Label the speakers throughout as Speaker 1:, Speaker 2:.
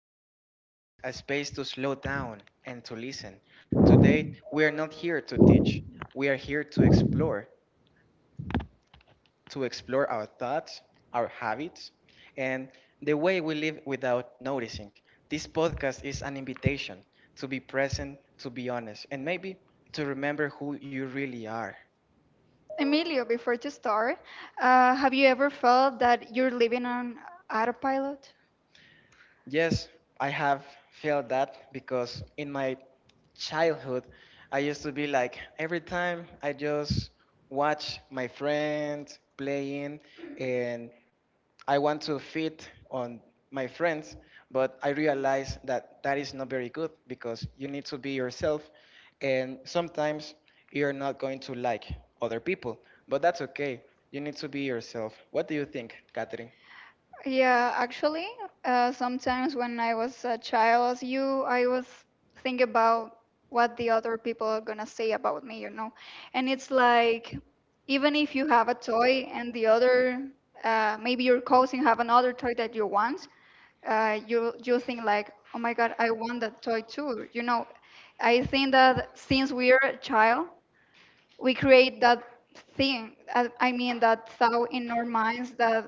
Speaker 1: quiet space, a space to slow down and to listen. Today, we are not here to teach. We are here to explore our thoughts, our habits, and the way we live without noticing. This podcast is an invitation to be present, to be honest, and maybe to remember who you really are.
Speaker 2: Emilio, before to start, have you ever felt that you're living on autopilot?
Speaker 1: Yes, I have felt that because in my childhood, I used to be like every time I just watch my friends playing and I want to fit on my friends, but I realize that that is not very good because you need to be yourself and sometimes you're not going to like other people, but that's okay. You need to be yourself. What do you think, Catherine?
Speaker 2: Yeah, actually, sometimes when I was a child as you, I was thinking about what the other people are gonna say about me, you know. And it's like, even if you have a toy and the other, maybe your cousin have another toy that you want, you think like, oh my God, I want that toy too. You know, I think that since we're a child, we create that thing I mean that thought in our minds that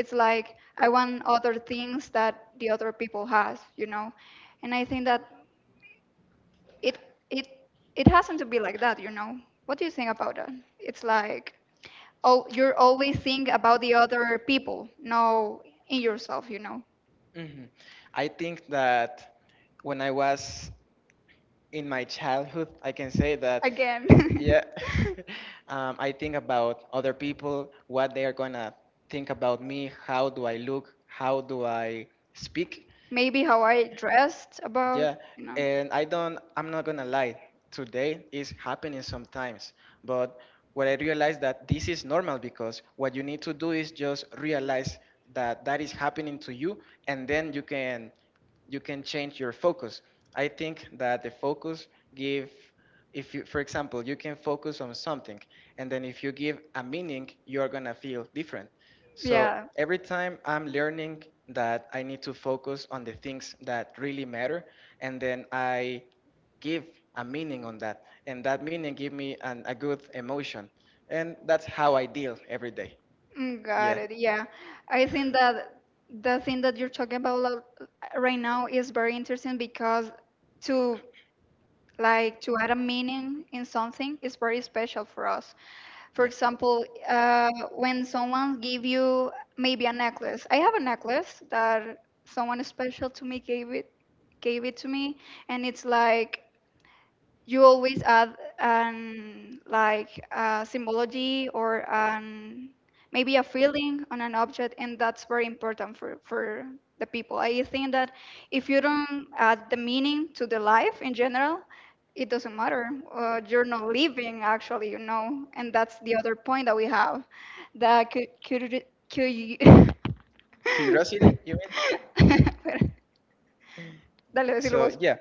Speaker 2: it's like I want other things that the other people has, you know. And I think that it it it hasn't to be like that, you know. What do you think about that? It's like, oh, you're always think about the other people, no in yourself, you know.
Speaker 1: Mhm. I think that when I was in my childhood, I can say that,
Speaker 2: Again,
Speaker 1: yeah, I think about other people, what they are gonna think about me, how do I look, how do I speak.
Speaker 2: maybe how I dressed about,
Speaker 1: Yeah,
Speaker 2: you know.
Speaker 1: and I don't, I'm not gonna lie, today is happening sometimes, but what I realize that this is normal because what you need to do is just realize that that is happening to you, and then you can change your focus. I think that the focus give if you for example you can focus on something and then if you give a meaning you're gonna feel different. So
Speaker 2: Yeah.
Speaker 1: every time I'm learning that I need to focus on the things that really matter and then I give a meaning on that and that meaning give me a good emotion, and that's how I deal every day.
Speaker 2: Got
Speaker 1: Yeah.
Speaker 2: it. Yeah. I think that the thing that you're talking about right now is very interesting, because to like to add a meaning in something is very special for us. For
Speaker 1: Yeah.
Speaker 2: example, when someone give you maybe a necklace. I have a necklace that someone special to me gave it to me, and it's like you always add an like a symbology or an maybe a feeling on an object, and that's very important for the people. I think that if you don't add the meaning to the life in general, it doesn't matter, you're not living actually, you know. And that's the other point that we have, that cu-
Speaker 1: Curiosity, you mean?
Speaker 2: Dale, decirlo
Speaker 1: So cool.
Speaker 2: vos.
Speaker 1: Yeah,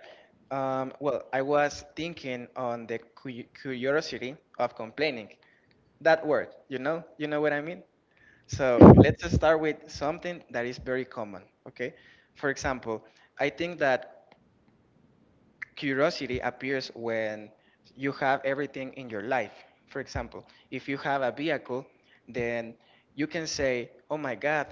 Speaker 1: well, I was thinking on the curiosity of complaining. That word, you know what I mean. So let's start with something that is very common. Okay, for example, I think that curiosity appears when you have everything in your life. For example, if you have a vehicle, then you can say, "Oh my God,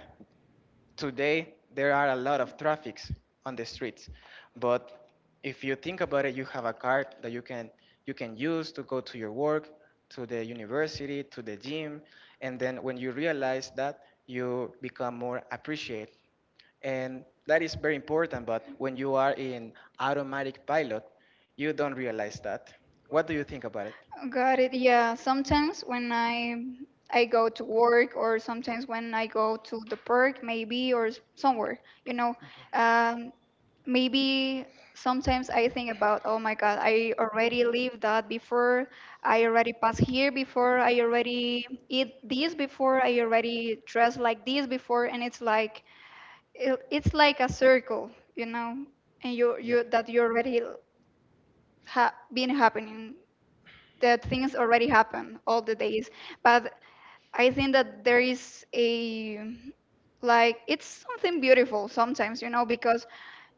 Speaker 1: today there are a lot of traffics on the streets." But if you think about it, you have a car that you can use to go to your work, to the university, to the gym, and then when you realize that, you become more appreciative, and that is very important. But when you are in automatic pilot, you don't realize that. What do you think about it?
Speaker 2: Got it. Yeah, sometimes when I go to work, or sometimes when I go to the park maybe, or somewhere, you know, um, maybe sometimes I think about, oh my God, I already lived that before. I already passed here before. I already eat this before. I already dressed like this before. And it's like it's like a circle, you know, and you
Speaker 1: Yeah.
Speaker 2: you that you already l- ha been happening that things, already happen all the days. But I think that there is a like it's something beautiful sometimes, you know, because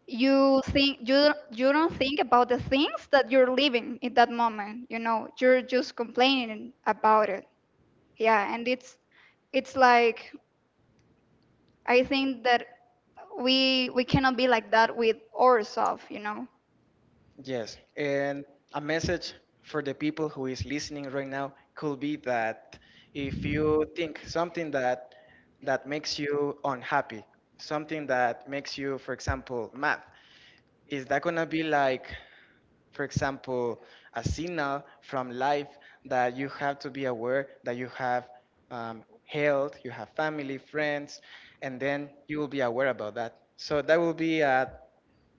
Speaker 2: you think you you don't think about the things that you're living in that moment, you know, you're just complaining about it. Yeah, and it's like I think that we cannot be like that with ourselves, you know.
Speaker 1: Yes. And a message for the people who is listening right now could be that if you think something that makes you unhappy, something that makes you, for example, math, is that gonna be like, for example, a signal from life that you have to be aware that you have health, you have family, friends, and then you will be aware about that. So that will be a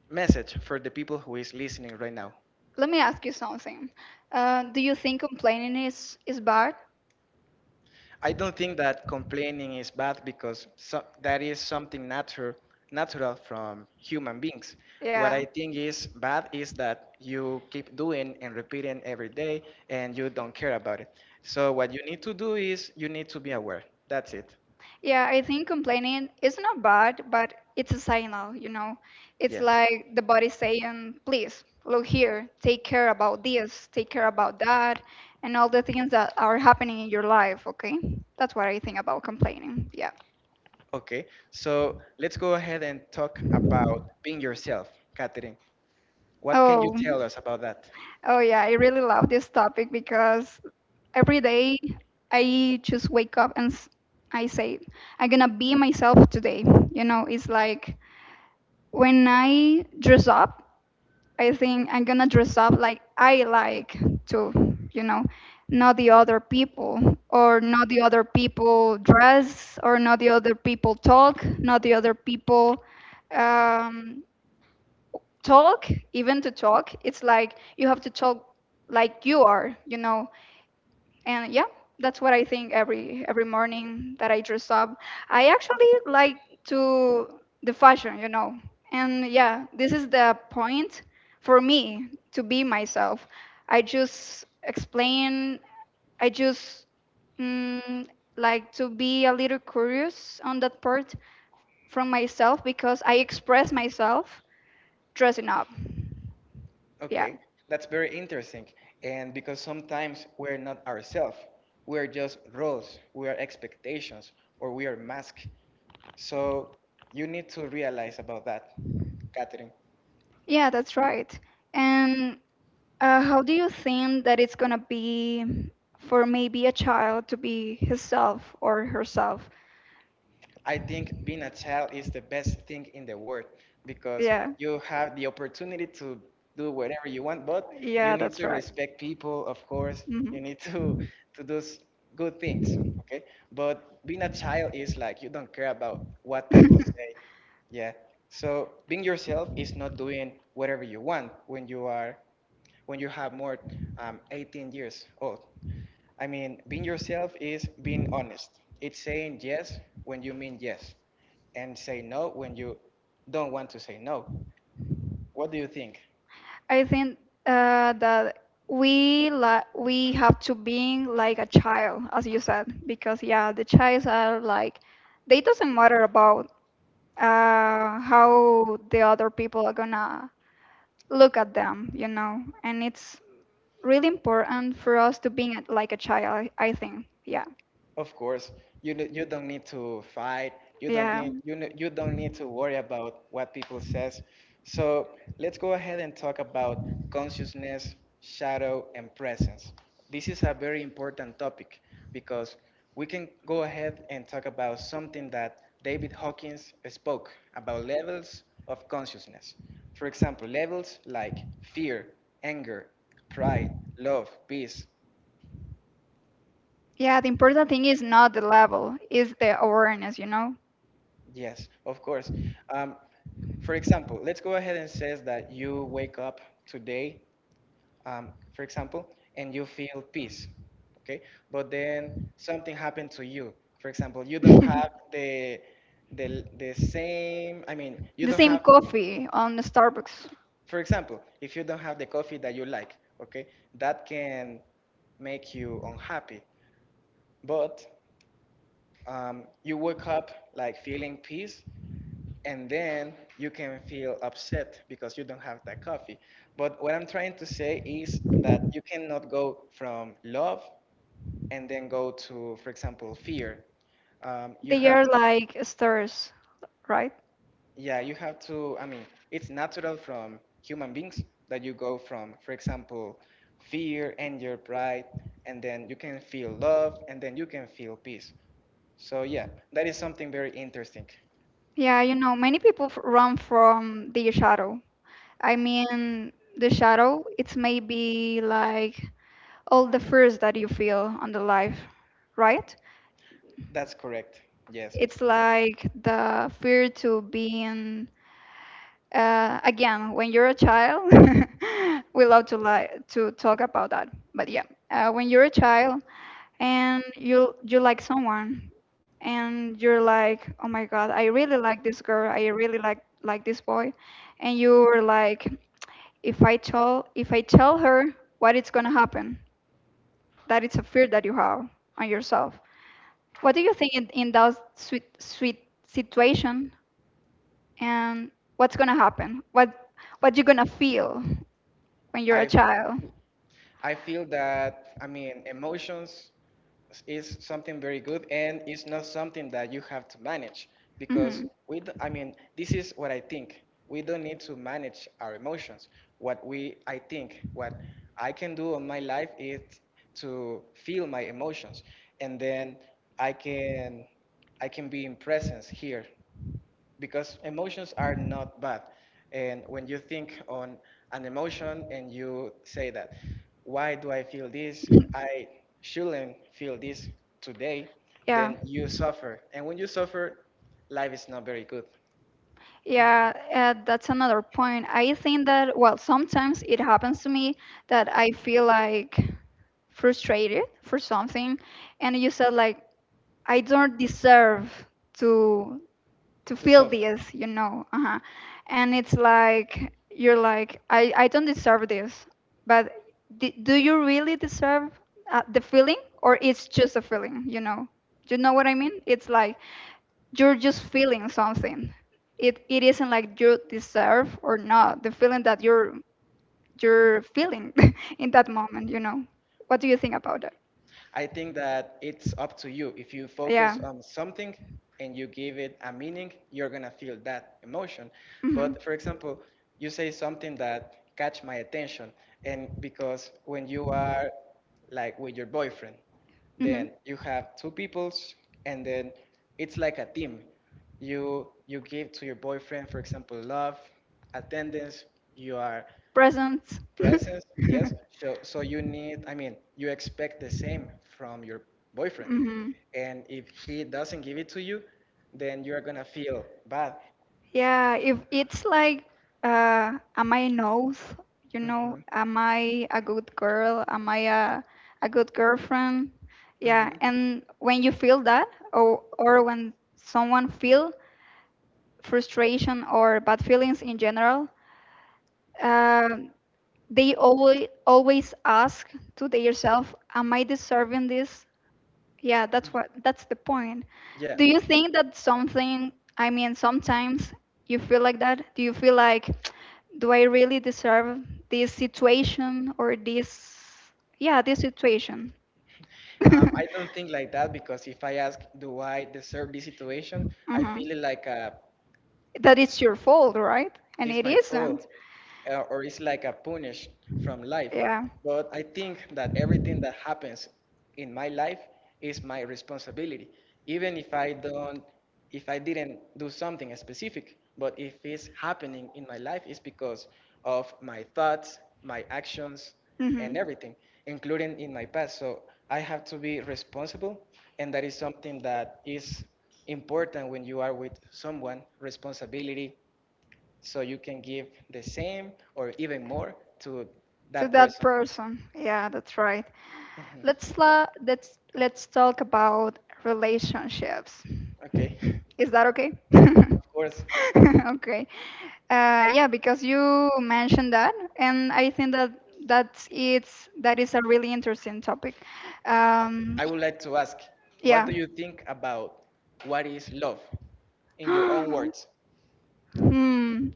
Speaker 1: message for the people who is listening right now.
Speaker 2: Let me ask you something. Do you think complaining is bad?
Speaker 1: I don't think that complaining is bad because, so, that is something natural from human beings. What
Speaker 2: Yeah.
Speaker 1: I think is bad is that you keep doing and repeating every day and you don't care about it. So what you need to do is you need to be aware. That's it.
Speaker 2: Yeah, I think complaining is not bad, but it's a signal, you know. It's
Speaker 1: Yes.
Speaker 2: like the body saying, please, look here, take care about this, take care about that, and all the things that are happening in your life, okay? That's what I think about complaining. Yeah.
Speaker 1: Okay. So let's go ahead and talk about being yourself, Catherine. What can you
Speaker 2: Oh,
Speaker 1: tell us about that?
Speaker 2: Oh yeah, I really love this topic, because every day I just wake up and I say, I'm gonna be myself today. You know, it's like when I dress up, I think I'm gonna dress up like I like to, you know, not the other people, or not the other people dress, or not the other people talk, not the other people um, talk, even to talk, it's like you have to talk like you are, you know. And yeah, that's what I think every morning that I dress up. I actually like to the fashion, you know. And yeah, this is the point for me to be myself. I just explain, I just mm, like to be a little curious on that part from myself, because I express myself dressing up. Yeah.
Speaker 1: Okay, that's very interesting. And because sometimes we're not ourselves, we're just roles, we are expectations, or we are masks. So you need to realize about that, Catherine.
Speaker 2: Yeah, that's right. And how do you think that it's gonna be for maybe a child to be himself or herself?
Speaker 1: I think being a child is the best thing in the world because
Speaker 2: Yeah,
Speaker 1: you have the opportunity to do whatever you want, but you
Speaker 2: yeah,
Speaker 1: need
Speaker 2: that's
Speaker 1: to
Speaker 2: right.
Speaker 1: respect people, of course. You need to do good things, okay? But being a child is like you don't care about what
Speaker 2: hmm
Speaker 1: people say. Yeah. So being yourself is not doing whatever you want when you have more 18 years old. I mean, being yourself is being honest. It's saying yes when you mean yes, and say no when you don't want to say no. What do you think?
Speaker 2: I think that we have to be like a child, as you said, because yeah, the childs are like they doesn't matter about how the other people are gonna look at them, you know, and it's really important for us to being like a child. I think, yeah,
Speaker 1: Of course, you don't need to fight. You don't
Speaker 2: yeah.
Speaker 1: need, you don't need to worry about what people says. So let's go ahead and talk about consciousness, shadow, and presence. This is a very important topic because we can go ahead and talk about something that David Hawkins spoke about levels of consciousness. For example, levels like fear, anger, pride, love, peace.
Speaker 2: Yeah, the important thing is not the level, is the awareness, you know?
Speaker 1: Yes, of course. Um, for example, let's go ahead and says that you wake up today, for example, and you feel peace, okay? But then something happened to you. For example, you don't have the same. I mean, you
Speaker 2: The
Speaker 1: don't
Speaker 2: same
Speaker 1: have.
Speaker 2: coffee on the Starbucks.
Speaker 1: For example, if you don't have the coffee that you like, okay, that can make you unhappy. But you wake up like feeling peace, and then you can feel upset because you don't have that coffee. But what I'm trying to say is that you cannot go from love and then go to, for example, fear. You
Speaker 2: They
Speaker 1: have
Speaker 2: are
Speaker 1: to,
Speaker 2: like stairs, right?
Speaker 1: yeah, you have to. I mean, it's natural from human beings that you go from, for example, fear and your pride, and then you can feel love, and then you can feel peace. So yeah, that is something very interesting.
Speaker 2: Yeah, you know, many people run from the shadow. I mean, the shadow, it's maybe like all the fears that you feel on the life, right?
Speaker 1: That's correct. Yes.
Speaker 2: It's like the fear to being again when you're a child. We love to like to talk about that, but yeah, when you're a child, and you like someone, and you're like, oh my God, I really like this girl, I really like this boy, and you are like, if I tell, her, what is going to happen? That is a fear that you have on yourself. What do you think in that sweet situation? And what's going to happen, what you're going to feel when you're a
Speaker 1: I
Speaker 2: child?
Speaker 1: I feel that, I mean, emotions is something very good, and it's not something that you have to manage
Speaker 2: hmm
Speaker 1: because I mean, this is what I think, we don't need to manage our emotions. What we I think what I can do on my life is to feel my emotions, and then I can I can be in presence here because emotions are not bad. And when you think on an emotion and you say that, why do I feel this? I shouldn't feel this today,
Speaker 2: yeah.
Speaker 1: then you suffer. And when you suffer, life is not very good
Speaker 2: Yeah, that's another point. I think that, well, sometimes it happens to me that I feel like frustrated for something, and you said like I don't deserve to
Speaker 1: to
Speaker 2: feel
Speaker 1: suffer.
Speaker 2: this, you know, uh-huh. And it's like you're like I don't deserve this, but d do you really deserve the feeling, or it's just a feeling, you know? Do you know what I mean? It's like you're just feeling something. It isn't like you deserve or not the feeling that you're feeling in that moment. You know, what do you think about that?
Speaker 1: I think that it's up to you. If you
Speaker 2: Yeah.
Speaker 1: focus on something and you give it a meaning, you're gonna feel that emotion.
Speaker 2: Hmm.
Speaker 1: But for example, you say something that catch my attention, and because when you are like with your boyfriend,
Speaker 2: Hmm.
Speaker 1: then you have two peoples, and then it's like a team. You give to your boyfriend, for example, love, attendance. You are
Speaker 2: Presents.
Speaker 1: presence,
Speaker 2: Hmm.
Speaker 1: yes. So you need, I mean, you expect the same from your boyfriend. And if he doesn't give it to you, then you're gonna feel bad.
Speaker 2: Yeah, if it's like, am I nose? You know,
Speaker 1: Hmm,
Speaker 2: am I a good girl? Am I a good girlfriend? Yeah,
Speaker 1: hmm.
Speaker 2: and when you feel that, or when someone feel frustration or bad feelings in general, um they always ask to themselves, am I deserving this? Yeah, that's what that's the point.
Speaker 1: Yeah.
Speaker 2: Do you think that something, I mean, sometimes you feel like that. Do you feel like, do I really deserve this situation or this? Yeah, this situation.
Speaker 1: I don't think like that because if I ask, do I deserve this situation? I
Speaker 2: Mhm.
Speaker 1: feel it like a
Speaker 2: That it's your fault, right? And
Speaker 1: it's
Speaker 2: it
Speaker 1: my fault,
Speaker 2: isn't.
Speaker 1: or it's like a punish from life.
Speaker 2: Yeah
Speaker 1: But I think that everything that happens in my life is my responsibility, even if I don't, if I didn't do something specific. But if it's happening in my life, it's because of my thoughts, my actions,
Speaker 2: hmm.
Speaker 1: and everything, including in my past. So I have to be responsible, and that is something that is important when you are with someone.
Speaker 2: To
Speaker 1: Responsibility, so you can give the same or even more to that
Speaker 2: that
Speaker 1: person.
Speaker 2: person. Yeah, that's right. Let's talk about relationships.
Speaker 1: Okay.
Speaker 2: Is that okay?
Speaker 1: Of course,
Speaker 2: Okay. Yeah, because you mentioned that, and I think that that's it's that is a really interesting topic.
Speaker 1: I
Speaker 2: Um,
Speaker 1: would like to ask, what
Speaker 2: yeah.
Speaker 1: do you think about what is love in your own words?
Speaker 2: Hmm.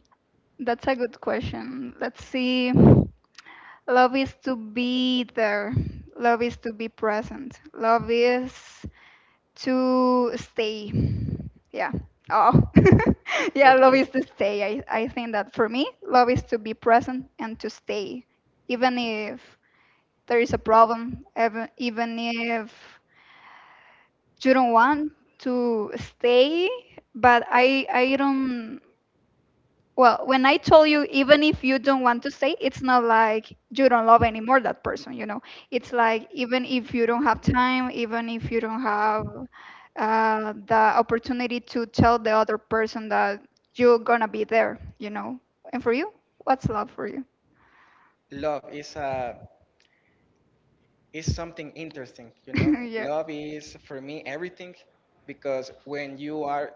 Speaker 2: That's a good question. Let's see. Love is to be there. Love is to be present. Love is to stay. Yeah. Oh. Yeah, love
Speaker 1: Okay.
Speaker 2: is to stay. I think that for me, love is to be present and to stay. Even if there is a problem, even if you don't want to stay, but I don't. Well, when I told you, even if you don't want to stay, it's not like you don't love anymore that person, you know. It's like even if you don't have time, even if you don't have the opportunity to tell the other person that you're gonna be there, you know. And for you, what's love for you?
Speaker 1: Love is a it's something interesting, you know.
Speaker 2: Yeah.
Speaker 1: Love is for me everything because when you are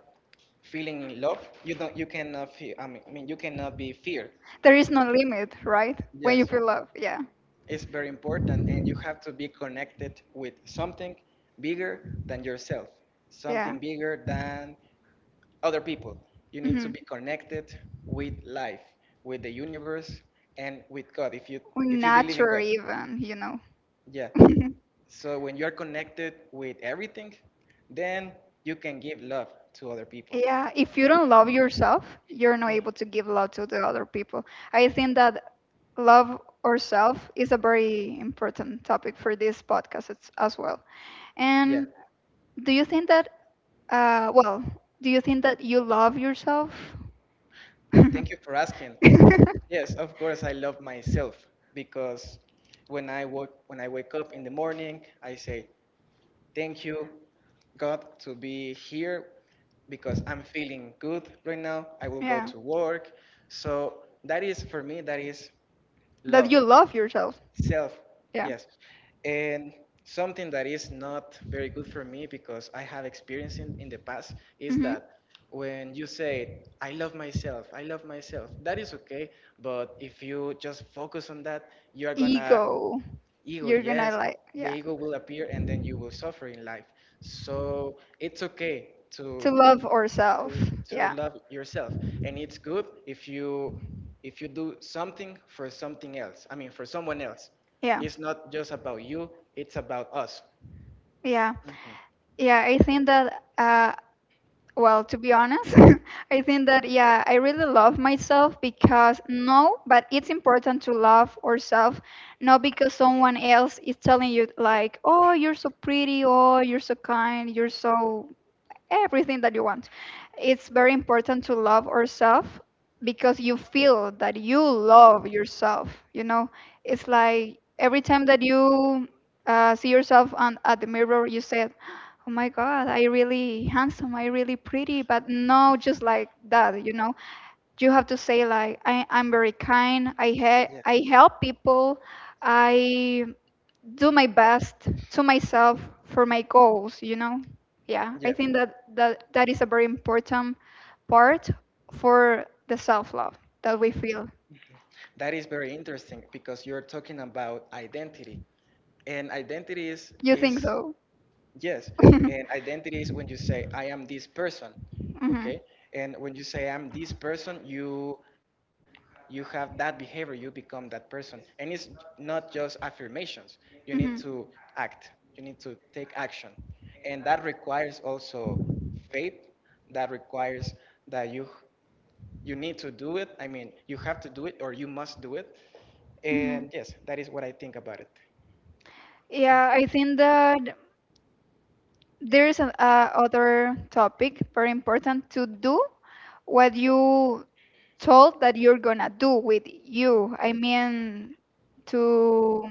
Speaker 1: feeling in love, you cannot feel, I mean you cannot be fear.
Speaker 2: There is no limit, right? When you
Speaker 1: Yes.
Speaker 2: feel love, yeah.
Speaker 1: It's very important, and you have to be connected with something bigger than yourself,
Speaker 2: Yeah.
Speaker 1: something bigger than other people. You need to
Speaker 2: Hmm.
Speaker 1: be connected with life, with the universe, and with God if you
Speaker 2: Or
Speaker 1: if you believe in
Speaker 2: nature
Speaker 1: God.
Speaker 2: even, you know.
Speaker 1: Yeah. So when you're connected with everything, then you can give love to other people.
Speaker 2: Yeah, if you don't love yourself, you're not
Speaker 1: Mm,
Speaker 2: able to give love to the other people. I think that love ourself is a very important topic for this podcast as well.
Speaker 1: yeah.
Speaker 2: And do you think that, well, do you think that you love yourself?
Speaker 1: Thank you for asking. Yes, of course I love myself, because when I wake up in the morning, I say thank you God to be here because I'm feeling good right now. I will go
Speaker 2: Yeah.
Speaker 1: to work. So that is, for me, that is
Speaker 2: That
Speaker 1: love.
Speaker 2: you love yourself.
Speaker 1: Self,
Speaker 2: Yeah.
Speaker 1: yes. And something that is not very good for me because I have experienced in the past is
Speaker 2: Mm-hmm.
Speaker 1: that when you say, I love myself, that is okay. But if you just focus on that, you are gonna
Speaker 2: Ego.
Speaker 1: ego,
Speaker 2: You're gonna
Speaker 1: yes,
Speaker 2: like,
Speaker 1: the
Speaker 2: yeah,
Speaker 1: ego will appear, and then you will suffer in life. So it's okay to
Speaker 2: to love ourselves.
Speaker 1: to
Speaker 2: Yeah.
Speaker 1: love yourself, and it's good if you do something for something else I mean, for someone else.
Speaker 2: Yeah.
Speaker 1: It's not just about you, it's about us.
Speaker 2: Yeah,
Speaker 1: Mhm.
Speaker 2: yeah, I think that, well, to be honest, I think that, yeah, I really love myself, because no, but it's important to love ourselves, not because someone else is telling you, like, oh, you're so pretty, oh, you're so kind, you're so everything that you want. It's very important to love ourselves because you feel that you love yourself. You know, it's like every time that you see yourself on, at the mirror, you say, oh my God, I really handsome, I really pretty, but no, just like that, you know. You have to say like I'm very kind, I help people, I do my best to myself for my goals. Yeah,
Speaker 1: Yeah,
Speaker 2: I think
Speaker 1: yeah.
Speaker 2: that that is a very important part for the self-love that we feel.
Speaker 1: That is very interesting because you're talking about identity. And identity is,
Speaker 2: You think
Speaker 1: is
Speaker 2: so?
Speaker 1: yes,
Speaker 2: Hmm.
Speaker 1: and
Speaker 2: Hmm.
Speaker 1: identity is when you say, I am this person,
Speaker 2: Hmm.
Speaker 1: okay? And when you say, I'm this person, you have that behavior, you become that person. And it's not just affirmations. You need
Speaker 2: Hmm.
Speaker 1: to act, you need to take action. And that requires also faith, that requires that you need to do it. I mean, you have to do it or you must do it. And yes, that is what I think about it.
Speaker 2: Yeah, I think that there is an other topic very important, to do what you told that you're gonna do with you. I mean, to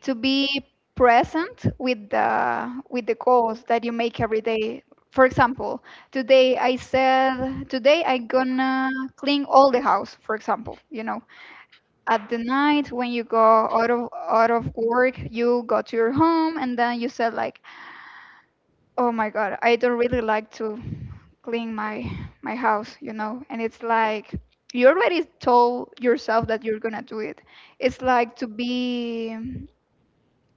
Speaker 2: to be present with the goals that you make every day. For example, today I said, today I gonna clean all the house for example you know At the night, when you go out of work, you go to your home, and then you said like, oh my god, I don't really like to clean my house. And it's like, you already told yourself that you're gonna do it. It's like to be,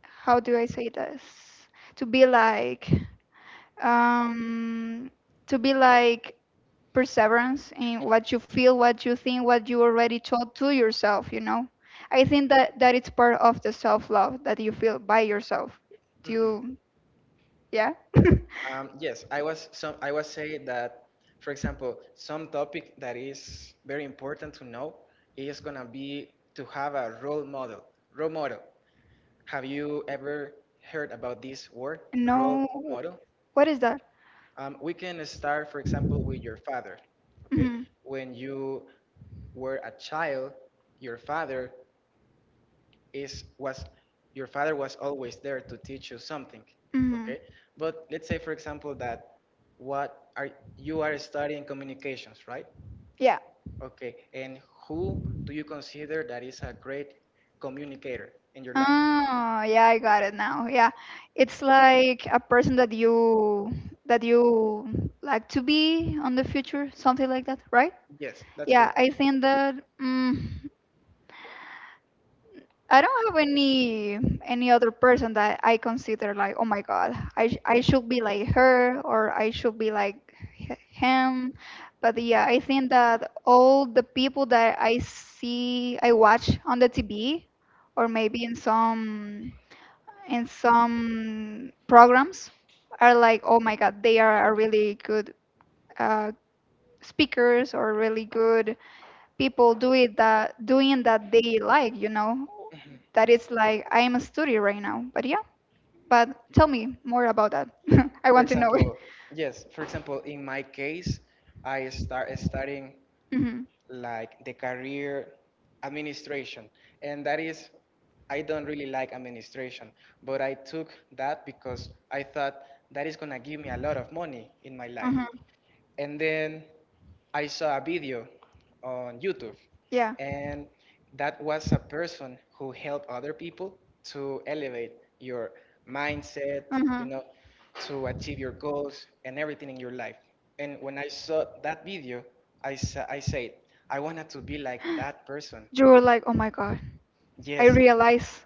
Speaker 2: how do I say this, to be like, um to be like perseverance in what you feel, what you think, what you already told to yourself. I think that it's part of the self-love that you feel by yourself. Do
Speaker 1: Mhm.
Speaker 2: you? Yeah.
Speaker 1: I was saying that, for example, some topic that is very important to know is gonna be to have a role model. Role model. Have you ever heard about this word, role
Speaker 2: No,
Speaker 1: model?
Speaker 2: what is that?
Speaker 1: We can start, for example, with your father. Okay,
Speaker 2: Mm-hmm.
Speaker 1: when you were a child, your father is was your father was always there to teach you something.
Speaker 2: Mm-hmm.
Speaker 1: Okay, but let's say, for example, that what are you are studying communications, right?
Speaker 2: Yeah.
Speaker 1: Okay, and who do you consider that is a great communicator in your life?
Speaker 2: Oh yeah, I got it now. Yeah. It's like a person that you like to be on the future, something like that, right?
Speaker 1: Yes, that's
Speaker 2: Yeah,
Speaker 1: correct.
Speaker 2: I think that I don't have any other person that I consider like, oh my God, I should be like her, or I should be like him. But yeah, I think that all the people that I see, I watch on the TV, or maybe in some programs, are like, oh my God, they are a really good uh, speakers, or really good people do it that doing that they like, you know
Speaker 1: Mhm.
Speaker 2: that it's like. I am a study right now. But yeah, but tell me more about that. I
Speaker 1: For
Speaker 2: want to know it.
Speaker 1: example, yes, for example, in my case, I start studying
Speaker 2: Hmm.
Speaker 1: like the career administration, and that is, I don't really like administration, but I took that because I thought that is gonna give me a lot of money in my life.
Speaker 2: Hmm.
Speaker 1: And then I saw a video on YouTube,
Speaker 2: Yeah.
Speaker 1: and that was a person who helped other people to elevate your mindset, you
Speaker 2: Hmm.
Speaker 1: know, to achieve your goals and everything in your life. And when I saw that video, I said I wanted to be like that person.
Speaker 2: You were like, oh my God, I
Speaker 1: Yes.
Speaker 2: realize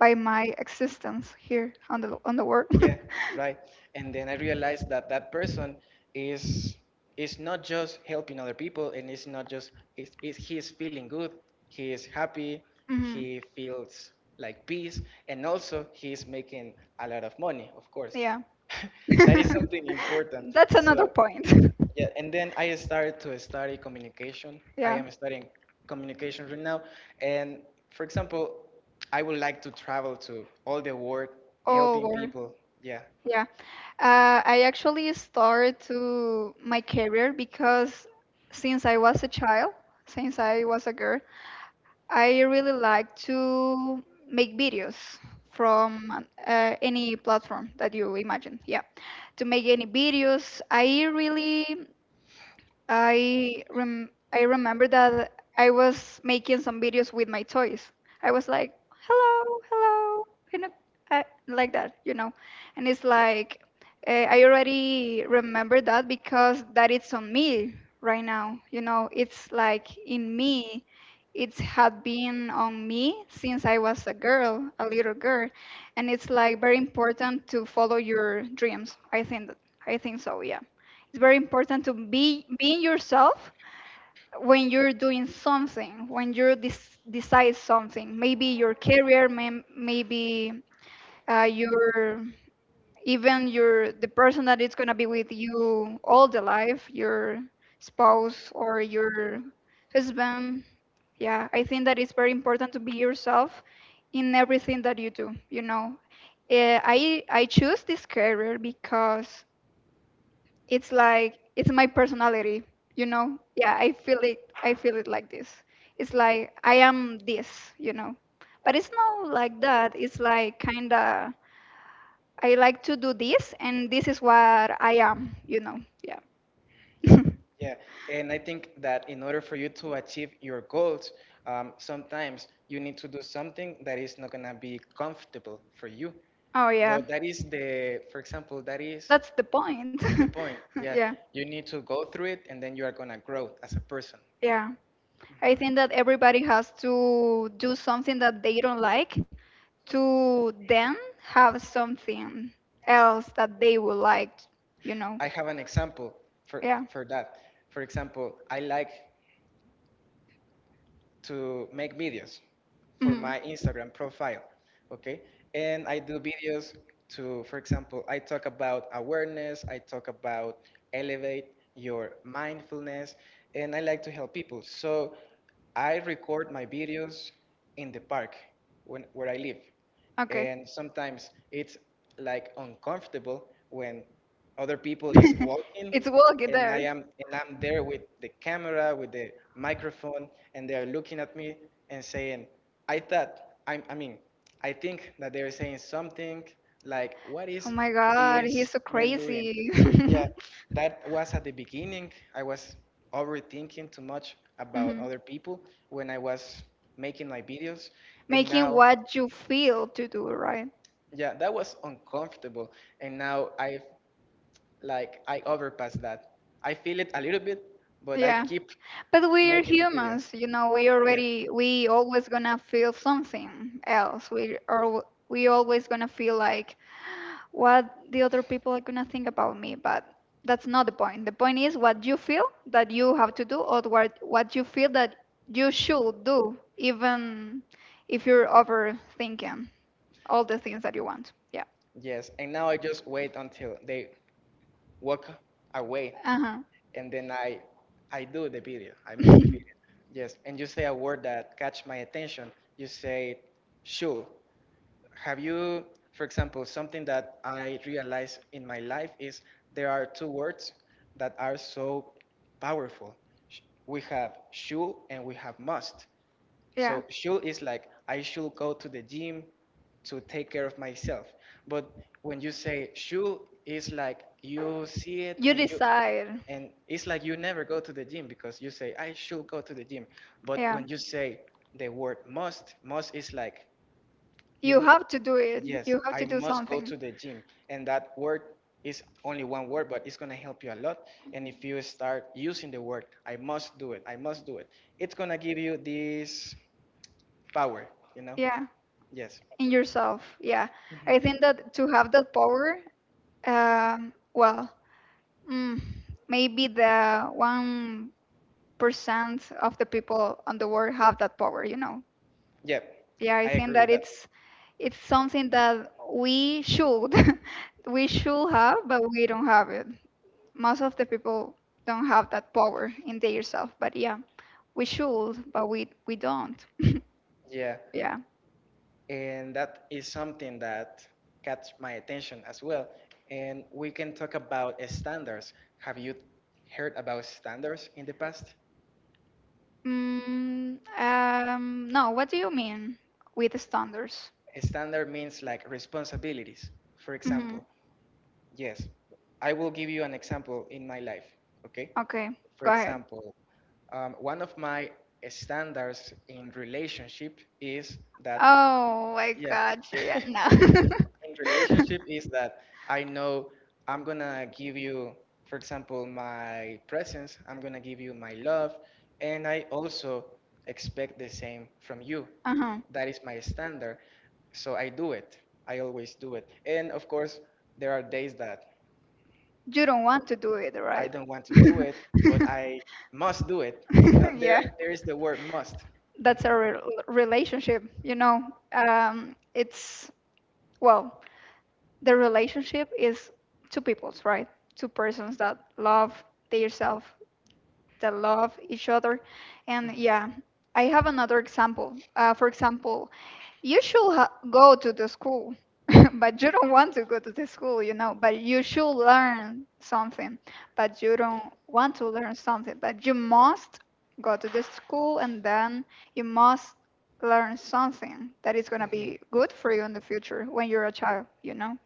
Speaker 2: by my existence here on the world.
Speaker 1: Yeah, right. And then I realized that that person is is not just helping other people, and it's not just is he's feeling good, he is happy,
Speaker 2: Hmm.
Speaker 1: he feels like peace, and also he is making a lot of money, of course.
Speaker 2: Yeah.
Speaker 1: That is something important.
Speaker 2: That's another
Speaker 1: So
Speaker 2: point.
Speaker 1: yeah, and then I started to study communication. I
Speaker 2: Yeah.
Speaker 1: am studying communication right now. And for example, I would like to travel to all the world
Speaker 2: Oh
Speaker 1: helping
Speaker 2: Lord.
Speaker 1: people. Yeah,
Speaker 2: Yeah. I actually started to my career, because since I was a child, since I was a girl, I really like to make videos from any platform that you imagine. Yeah. To make any videos, I really I rem I remember that I was making some videos with my toys. I was like, "Hello, hello," you know, uh, like that. And it's like, I already remember that, because that, it's on me right now. You know, it's like in me. It had been on me since I was a girl, a little girl, and it's like, very important to follow your dreams. I think that, I think so. Yeah. It's very important to be being yourself when you're doing something, when you decide something. Maybe your career, maybe your, even your, the person that is gonna be with you all the life, your spouse or your husband. Yeah, I think that it's very important to be yourself in everything that you do. Eh, I I choose this career because it's like, it's my personality. Yeah, I feel it like this. It's like, I am this. But it's not like that. It's like kind of, I like to do this, and this is what I am. Yeah.
Speaker 1: yeah. And I think that in order for you to achieve your goals, sometimes you need to do something that is not going to be comfortable for you.
Speaker 2: Oh yeah,
Speaker 1: But that is the, for example, that is
Speaker 2: that's the point.
Speaker 1: the point. Yeah,
Speaker 2: Yeah.
Speaker 1: you need to go through it and then you are going to grow as a person.
Speaker 2: Yeah, I think
Speaker 1: Mhm.
Speaker 2: that everybody has to do something that they don't like to, then have something else that they would like, you know?
Speaker 1: I have an example for
Speaker 2: Yeah.
Speaker 1: for that. For example, I like to make videos for
Speaker 2: Mhm.
Speaker 1: my Instagram profile, okay? And I do videos to, for example, I talk about awareness, I talk about elevate your mindfulness, and I like to help people. So I record my videos in the park when, where I live,
Speaker 2: Okay.
Speaker 1: and sometimes it's like uncomfortable when other people is walking
Speaker 2: It's walking
Speaker 1: and I
Speaker 2: there.
Speaker 1: am and I'm there with the camera with the microphone and they're looking at me and saying, I I mean, I think that they're saying something like, what
Speaker 2: Oh
Speaker 1: is
Speaker 2: my god,
Speaker 1: this
Speaker 2: he's so
Speaker 1: man doing?
Speaker 2: crazy.
Speaker 1: Yeah, that was at the beginning. I was overthinking too much about
Speaker 2: Mhm.
Speaker 1: other people when I was making my videos, and
Speaker 2: Making
Speaker 1: now,
Speaker 2: what you feel to do, right?
Speaker 1: yeah, that was uncomfortable, and now I overpass that. I feel it a little bit, but I
Speaker 2: Yeah.
Speaker 1: keep
Speaker 2: But we're
Speaker 1: making the video.
Speaker 2: humans, we
Speaker 1: Yeah.
Speaker 2: already we always gonna feel something else. We always gonna feel like what the other people are gonna think about me, but that's not the point. The point is what you feel that you have to do, or what you feel that you should do, even if you're overthinking all the things that you want. Yeah.
Speaker 1: Yes. And now I just wait until they walk away
Speaker 2: Uh-huh.
Speaker 1: and then I do the video. I make the video. Yes, and you say a word that catch my attention. You say, "Sure." Have you, for example, something that I realize in my life is there are two words that are so powerful. Sh- We have should and we have must.
Speaker 2: Yeah.
Speaker 1: So should is like, I should go to the gym to take care of myself. But when you say should, it's like you see it
Speaker 2: You
Speaker 1: and you,
Speaker 2: decide.
Speaker 1: and it's like you never go to the gym because you say, I should go to the gym. But
Speaker 2: Yeah.
Speaker 1: when you say the word must is like, you
Speaker 2: You
Speaker 1: need,
Speaker 2: have to do it.
Speaker 1: yes,
Speaker 2: You have to
Speaker 1: I
Speaker 2: do
Speaker 1: must go
Speaker 2: something.
Speaker 1: to the gym. And that word is only one word, but it's going to help you a lot. And if you start using the word, I must do it, I must do it, it's going to give you this power, you know?
Speaker 2: Yeah.
Speaker 1: Yes.
Speaker 2: In yourself. Yeah. I think
Speaker 1: Mhm.
Speaker 2: that to have that power, well, mm, maybe the 1% of the people on the world have that power, you know.
Speaker 1: Yeah,
Speaker 2: Yeah, I
Speaker 1: I
Speaker 2: think
Speaker 1: agree
Speaker 2: that
Speaker 1: with that.
Speaker 2: it's something that we should we should have, but we don't have it. Most of the people don't have that power in themselves, but yeah, we should, but we don't.
Speaker 1: Yeah.
Speaker 2: Yeah.
Speaker 1: And that is something that catch my attention as well. And we can talk about standards. Have you heard about standards in the past?
Speaker 2: No, what do you mean with standards?
Speaker 1: A standard means like responsibilities. For
Speaker 2: Mm-hmm.
Speaker 1: example, yes, I will give you an example in my life. Okay,
Speaker 2: Okay,
Speaker 1: for
Speaker 2: go ahead.
Speaker 1: example, one of my standards in relationship is that,
Speaker 2: Oh my
Speaker 1: yeah,
Speaker 2: God, Julia, no.
Speaker 1: in relationship is that I know I'm gonna give you, for example, my presence, I'm gonna give you my love, and I also expect the same from you.
Speaker 2: Uh-huh.
Speaker 1: That is my standard. So I do it. I always do it. And of course, there are days that
Speaker 2: You don't want to do it,
Speaker 1: I
Speaker 2: right?
Speaker 1: don't want to do it, but I must do it. You know, there
Speaker 2: Yeah.
Speaker 1: there is the word must.
Speaker 2: That's a
Speaker 1: Mhm.
Speaker 2: relationship, it's, well, the relationship is two people's, right? Two persons that love themselves, that love each other. And yeah, I have another example, for example. You should go to the school, but you don't want to go to the school. But you should learn something, but you don't want to learn something. But you must go to the school, and then you must learn something that is gonna be good for you in the future when you're a child.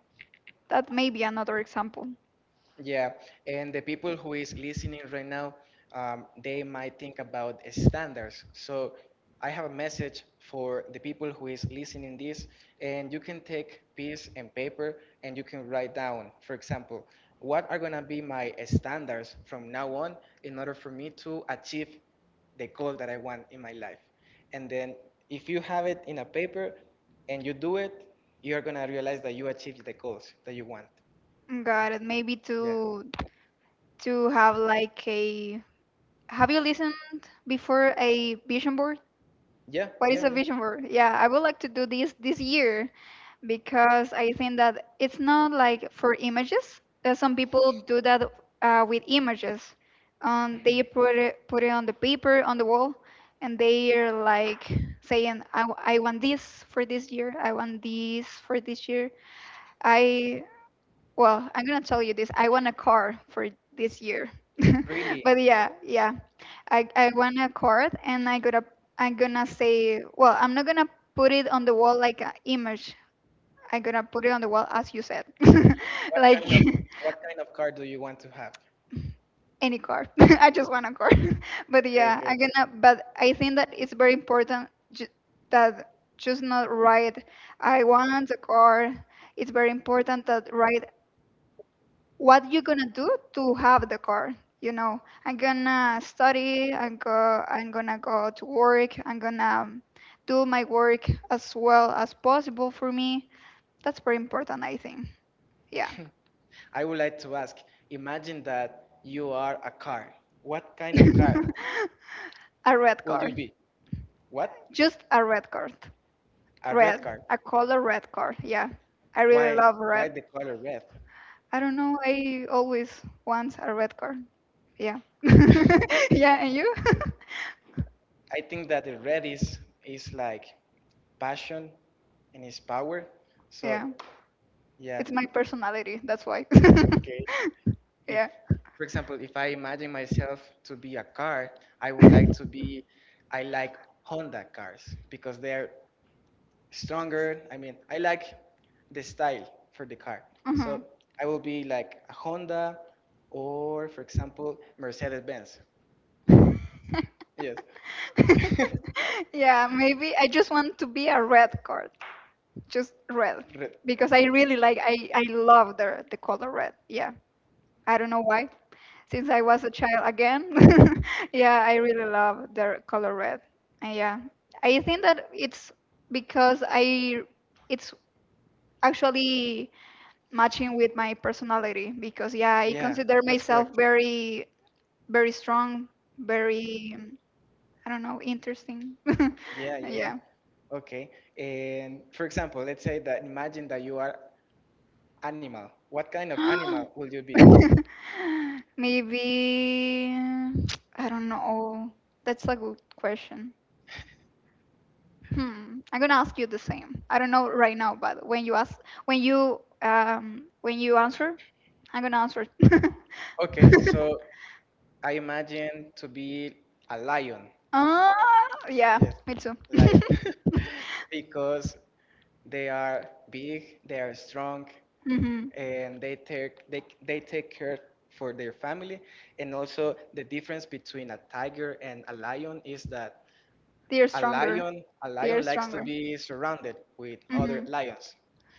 Speaker 2: That may be another example.
Speaker 1: Yeah, and the people who is listening right now, they might think about standards. So I have a message for the people who is listening this, and you can take piece and paper and you can write down, for example, what are gonna be my standards from now on in order for me to achieve the goal that I want in my life. And then if you have it in a paper and you do it, you're gonna realize that you achieved the goals that you want.
Speaker 2: Got it. Maybe
Speaker 1: Yeah.
Speaker 2: to have like a. Have you listened before a vision board?
Speaker 1: Yeah,
Speaker 2: What is
Speaker 1: yeah,
Speaker 2: a
Speaker 1: yeah.
Speaker 2: vision board? Yeah, I would like to do this, this year, because I think that it's not like for images. Some people do that with images. They put it on the paper, on the wall, and they are like saying, "I want this for this year. I want this for this year. I well, I'm gonna tell you this. I want a car for this year."
Speaker 1: Really.
Speaker 2: But yeah, yeah. I want a card, and I'm gonna say, well, I'm not gonna put it on the wall like an image. I'm gonna put it on the wall, as you said,
Speaker 1: What
Speaker 2: like
Speaker 1: kind of what kind of car do you want to have?
Speaker 2: any card. I just want a card. But
Speaker 1: Okay,
Speaker 2: yeah,
Speaker 1: okay,
Speaker 2: I'm
Speaker 1: okay.
Speaker 2: gonna. But I think that it's very important that, just not write, I want a card. It's very important that write what you gonna do to have the car. I'm gonna study, and go to work. I'm gonna do my work as well as possible for me. That's very important, I think. Yeah.
Speaker 1: I would like to ask, imagine that you are a car. What kind of car
Speaker 2: A red
Speaker 1: will you
Speaker 2: card,
Speaker 1: be? What?
Speaker 2: just a red card,
Speaker 1: A red
Speaker 2: red,
Speaker 1: car.
Speaker 2: a color red card. Yeah, I really
Speaker 1: Why
Speaker 2: love red,
Speaker 1: why the color red?
Speaker 2: I don't know, I always want a red card. Yeah. Yeah, and you?
Speaker 1: I think that the red is like passion and is power. So
Speaker 2: Yeah.
Speaker 1: yeah.
Speaker 2: It's my personality, that's why.
Speaker 1: Okay. If,
Speaker 2: Yeah.
Speaker 1: for example, if I imagine myself to be a car, I would like to be, I like Honda cars because they're stronger, I mean, I like the style for the car,
Speaker 2: Hmm.
Speaker 1: so I will be like a Honda or, for example, mercedes benz yes.
Speaker 2: Yeah, maybe I just want to be a red card. Just red.
Speaker 1: Re-
Speaker 2: Because I really like I love the color red. Yeah. I don't know why. Since I was a child again. Yeah, I really love the color red. And yeah, I think that it's because I it's actually matching with my personality, because yeah, I
Speaker 1: yeah,
Speaker 2: consider
Speaker 1: that's
Speaker 2: myself
Speaker 1: correct.
Speaker 2: very, very strong, very, I don't know, interesting.
Speaker 1: Yeah, yeah, yeah.
Speaker 2: Yeah.
Speaker 1: Okay, and for example, let's say that imagine that you are animal. What kind of animal will you be?
Speaker 2: Maybe I don't know. That's a good question. Hmm. I'm gonna ask you the same. I don't know right now, but when you ask, when you answer, I'm gonna answer.
Speaker 1: Okay, so I imagine to be a lion.
Speaker 2: Ah, yeah,
Speaker 1: Yes,
Speaker 2: me too.
Speaker 1: lion. Because they are big, they are strong,
Speaker 2: Hmm.
Speaker 1: and they take care for their family. And also the difference between a tiger and a lion is that
Speaker 2: They're
Speaker 1: a
Speaker 2: stronger.
Speaker 1: lion a
Speaker 2: They're
Speaker 1: lion likes to
Speaker 2: stronger.
Speaker 1: be surrounded with other
Speaker 2: Hmm.
Speaker 1: lions,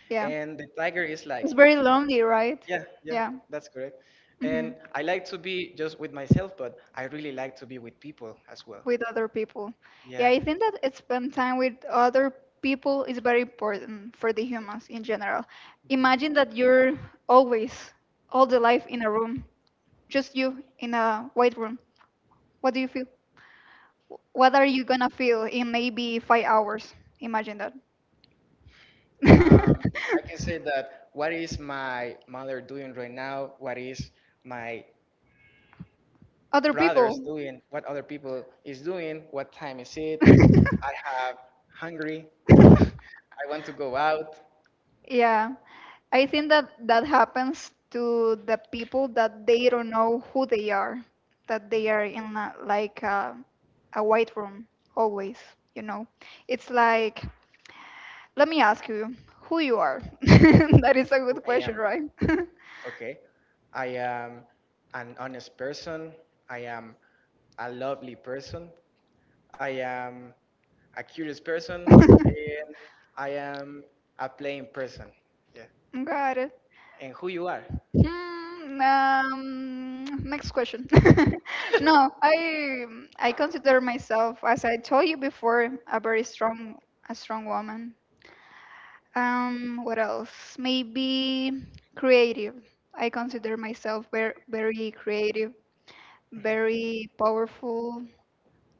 Speaker 2: Yeah,
Speaker 1: and the tiger is like,
Speaker 2: it's very lonely, right?
Speaker 1: yeah, yeah,
Speaker 2: Yeah.
Speaker 1: that's correct.
Speaker 2: Hmm.
Speaker 1: And I like to be just with myself, but I really like to be with people as well.
Speaker 2: With other people. Yeah,
Speaker 1: Yeah.
Speaker 2: I think that it's, spend time with other people is very important for the humans in general. Imagine that you're always all the life in a room, just you in a white room. What do you feel? What are you gonna feel in maybe 5 hours? Imagine that.
Speaker 1: Um, I can say that, what is my mother doing right now? What is my
Speaker 2: Other
Speaker 1: brothers
Speaker 2: people.
Speaker 1: doing? What other people is doing? What time is it? I have hungry. You know, I want to go out.
Speaker 2: Yeah. I think that that happens to the people that they don't know who they are, that they are in a, like a, white room always, you know. It's like, let me ask you who you are. That is a
Speaker 1: Who
Speaker 2: good
Speaker 1: I
Speaker 2: question,
Speaker 1: am?
Speaker 2: right?
Speaker 1: Okay. I am an honest person. I am a lovely person. I am a curious person, and I am a playing person. Yeah.
Speaker 2: Got it.
Speaker 1: And who you are.
Speaker 2: Next question. No, I consider myself, as I told you before, a very strong woman. What else? Maybe creative. I consider myself very, very creative, very powerful.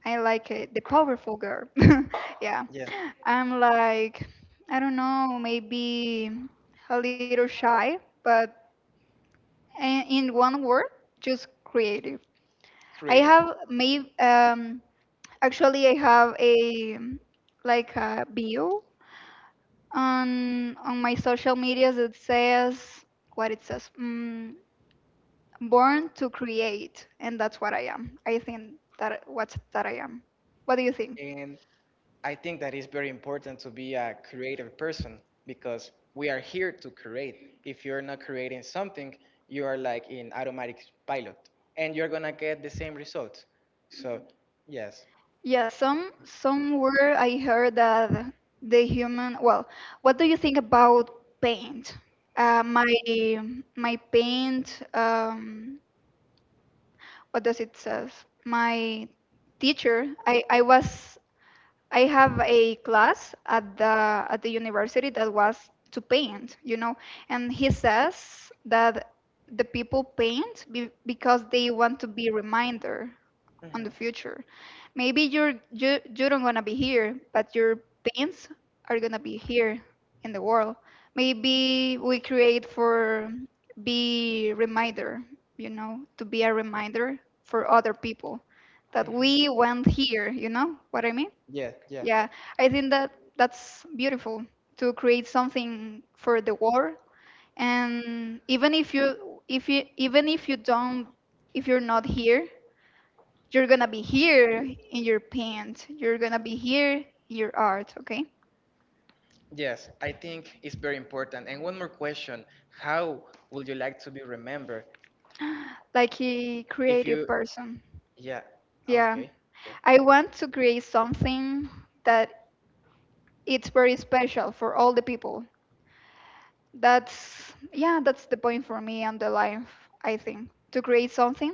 Speaker 2: I like it. The powerful girl. Yeah.
Speaker 1: Yeah.
Speaker 2: I'm like, I don't know, maybe a little shy, but in one word, just creative. I
Speaker 1: Creative.
Speaker 2: have maybe actually I have a like a bio. On my social medias, it says what it says. Born to create, and that's what I am. I think that what that I am. What do you think?
Speaker 1: And I think that it's very important to be a creative person because we are here to create. If you're not creating something, you are like in automatic pilot and you're going to get the same results. So, yes.
Speaker 2: Yeah, somewhere I heard that the human. Well, what do you think about paint? Uh, my my paint. What does it says? My teacher. I was I have a class at the university that was to paint, and he says that the people paint because they want to be reminder on the
Speaker 1: Mhm.
Speaker 2: future. Maybe you don't gonna be here, but your paints are gonna be here in the world. Maybe we create for be reminder, to be a reminder for other people that we went here, you know what I mean?
Speaker 1: Yeah, yeah.
Speaker 2: Yeah, I think that that's beautiful to create something for the world. And even if you even if you don't if you're not here, you're gonna be here in your paint. You're gonna be here in your art, okay?
Speaker 1: Yes, I think it's very important. And one more question: how would you like to be remembered?
Speaker 2: Like a
Speaker 1: If
Speaker 2: creative
Speaker 1: you,
Speaker 2: person.
Speaker 1: yeah,
Speaker 2: Yeah.
Speaker 1: okay, okay,
Speaker 2: I want to create something that it's very special for all the people. That's the point for me and the life, I think, to create something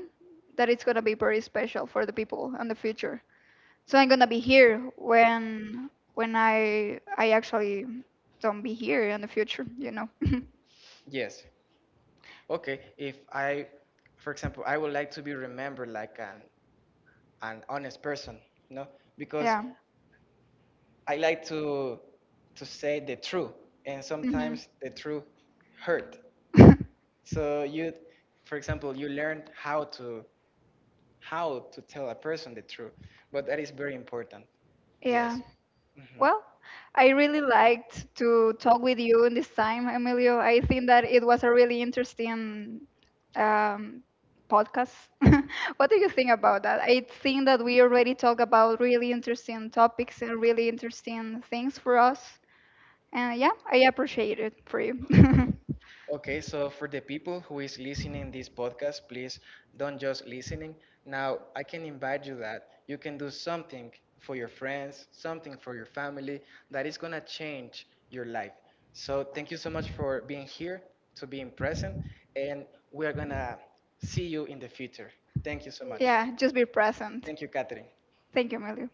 Speaker 2: that it's gonna be very special for the people and the future. So I'm gonna be here when I actually don't be here in the future.
Speaker 1: yes, okay. If I, for example, I would like to be remembered like an honest person, you know, because
Speaker 2: Yeah.
Speaker 1: I like to say the truth, and
Speaker 2: Hmm.
Speaker 1: sometimes the truth hurt. So you, for example, you learn how to tell a person the truth. But that is very important.
Speaker 2: Yeah.
Speaker 1: Yes. Hmm.
Speaker 2: Well, I really liked to talk with you in this time, Emilio. I think that it was a really interesting um, podcast. What do you think about that? I think that we already talked about really interesting topics and really interesting things for us. And yeah, I appreciate it for you.
Speaker 1: Okay, so for the people who is listening this podcast, please don't just listening. Now I can invite you that you can do something for your friends, something for your family that is gonna change your life. So thank you so much for being here, to being present, and we are gonna see you in the future. Thank you so much.
Speaker 2: Yeah, just be present.
Speaker 1: Thank you, Catherine.
Speaker 2: Thank you, Emilio.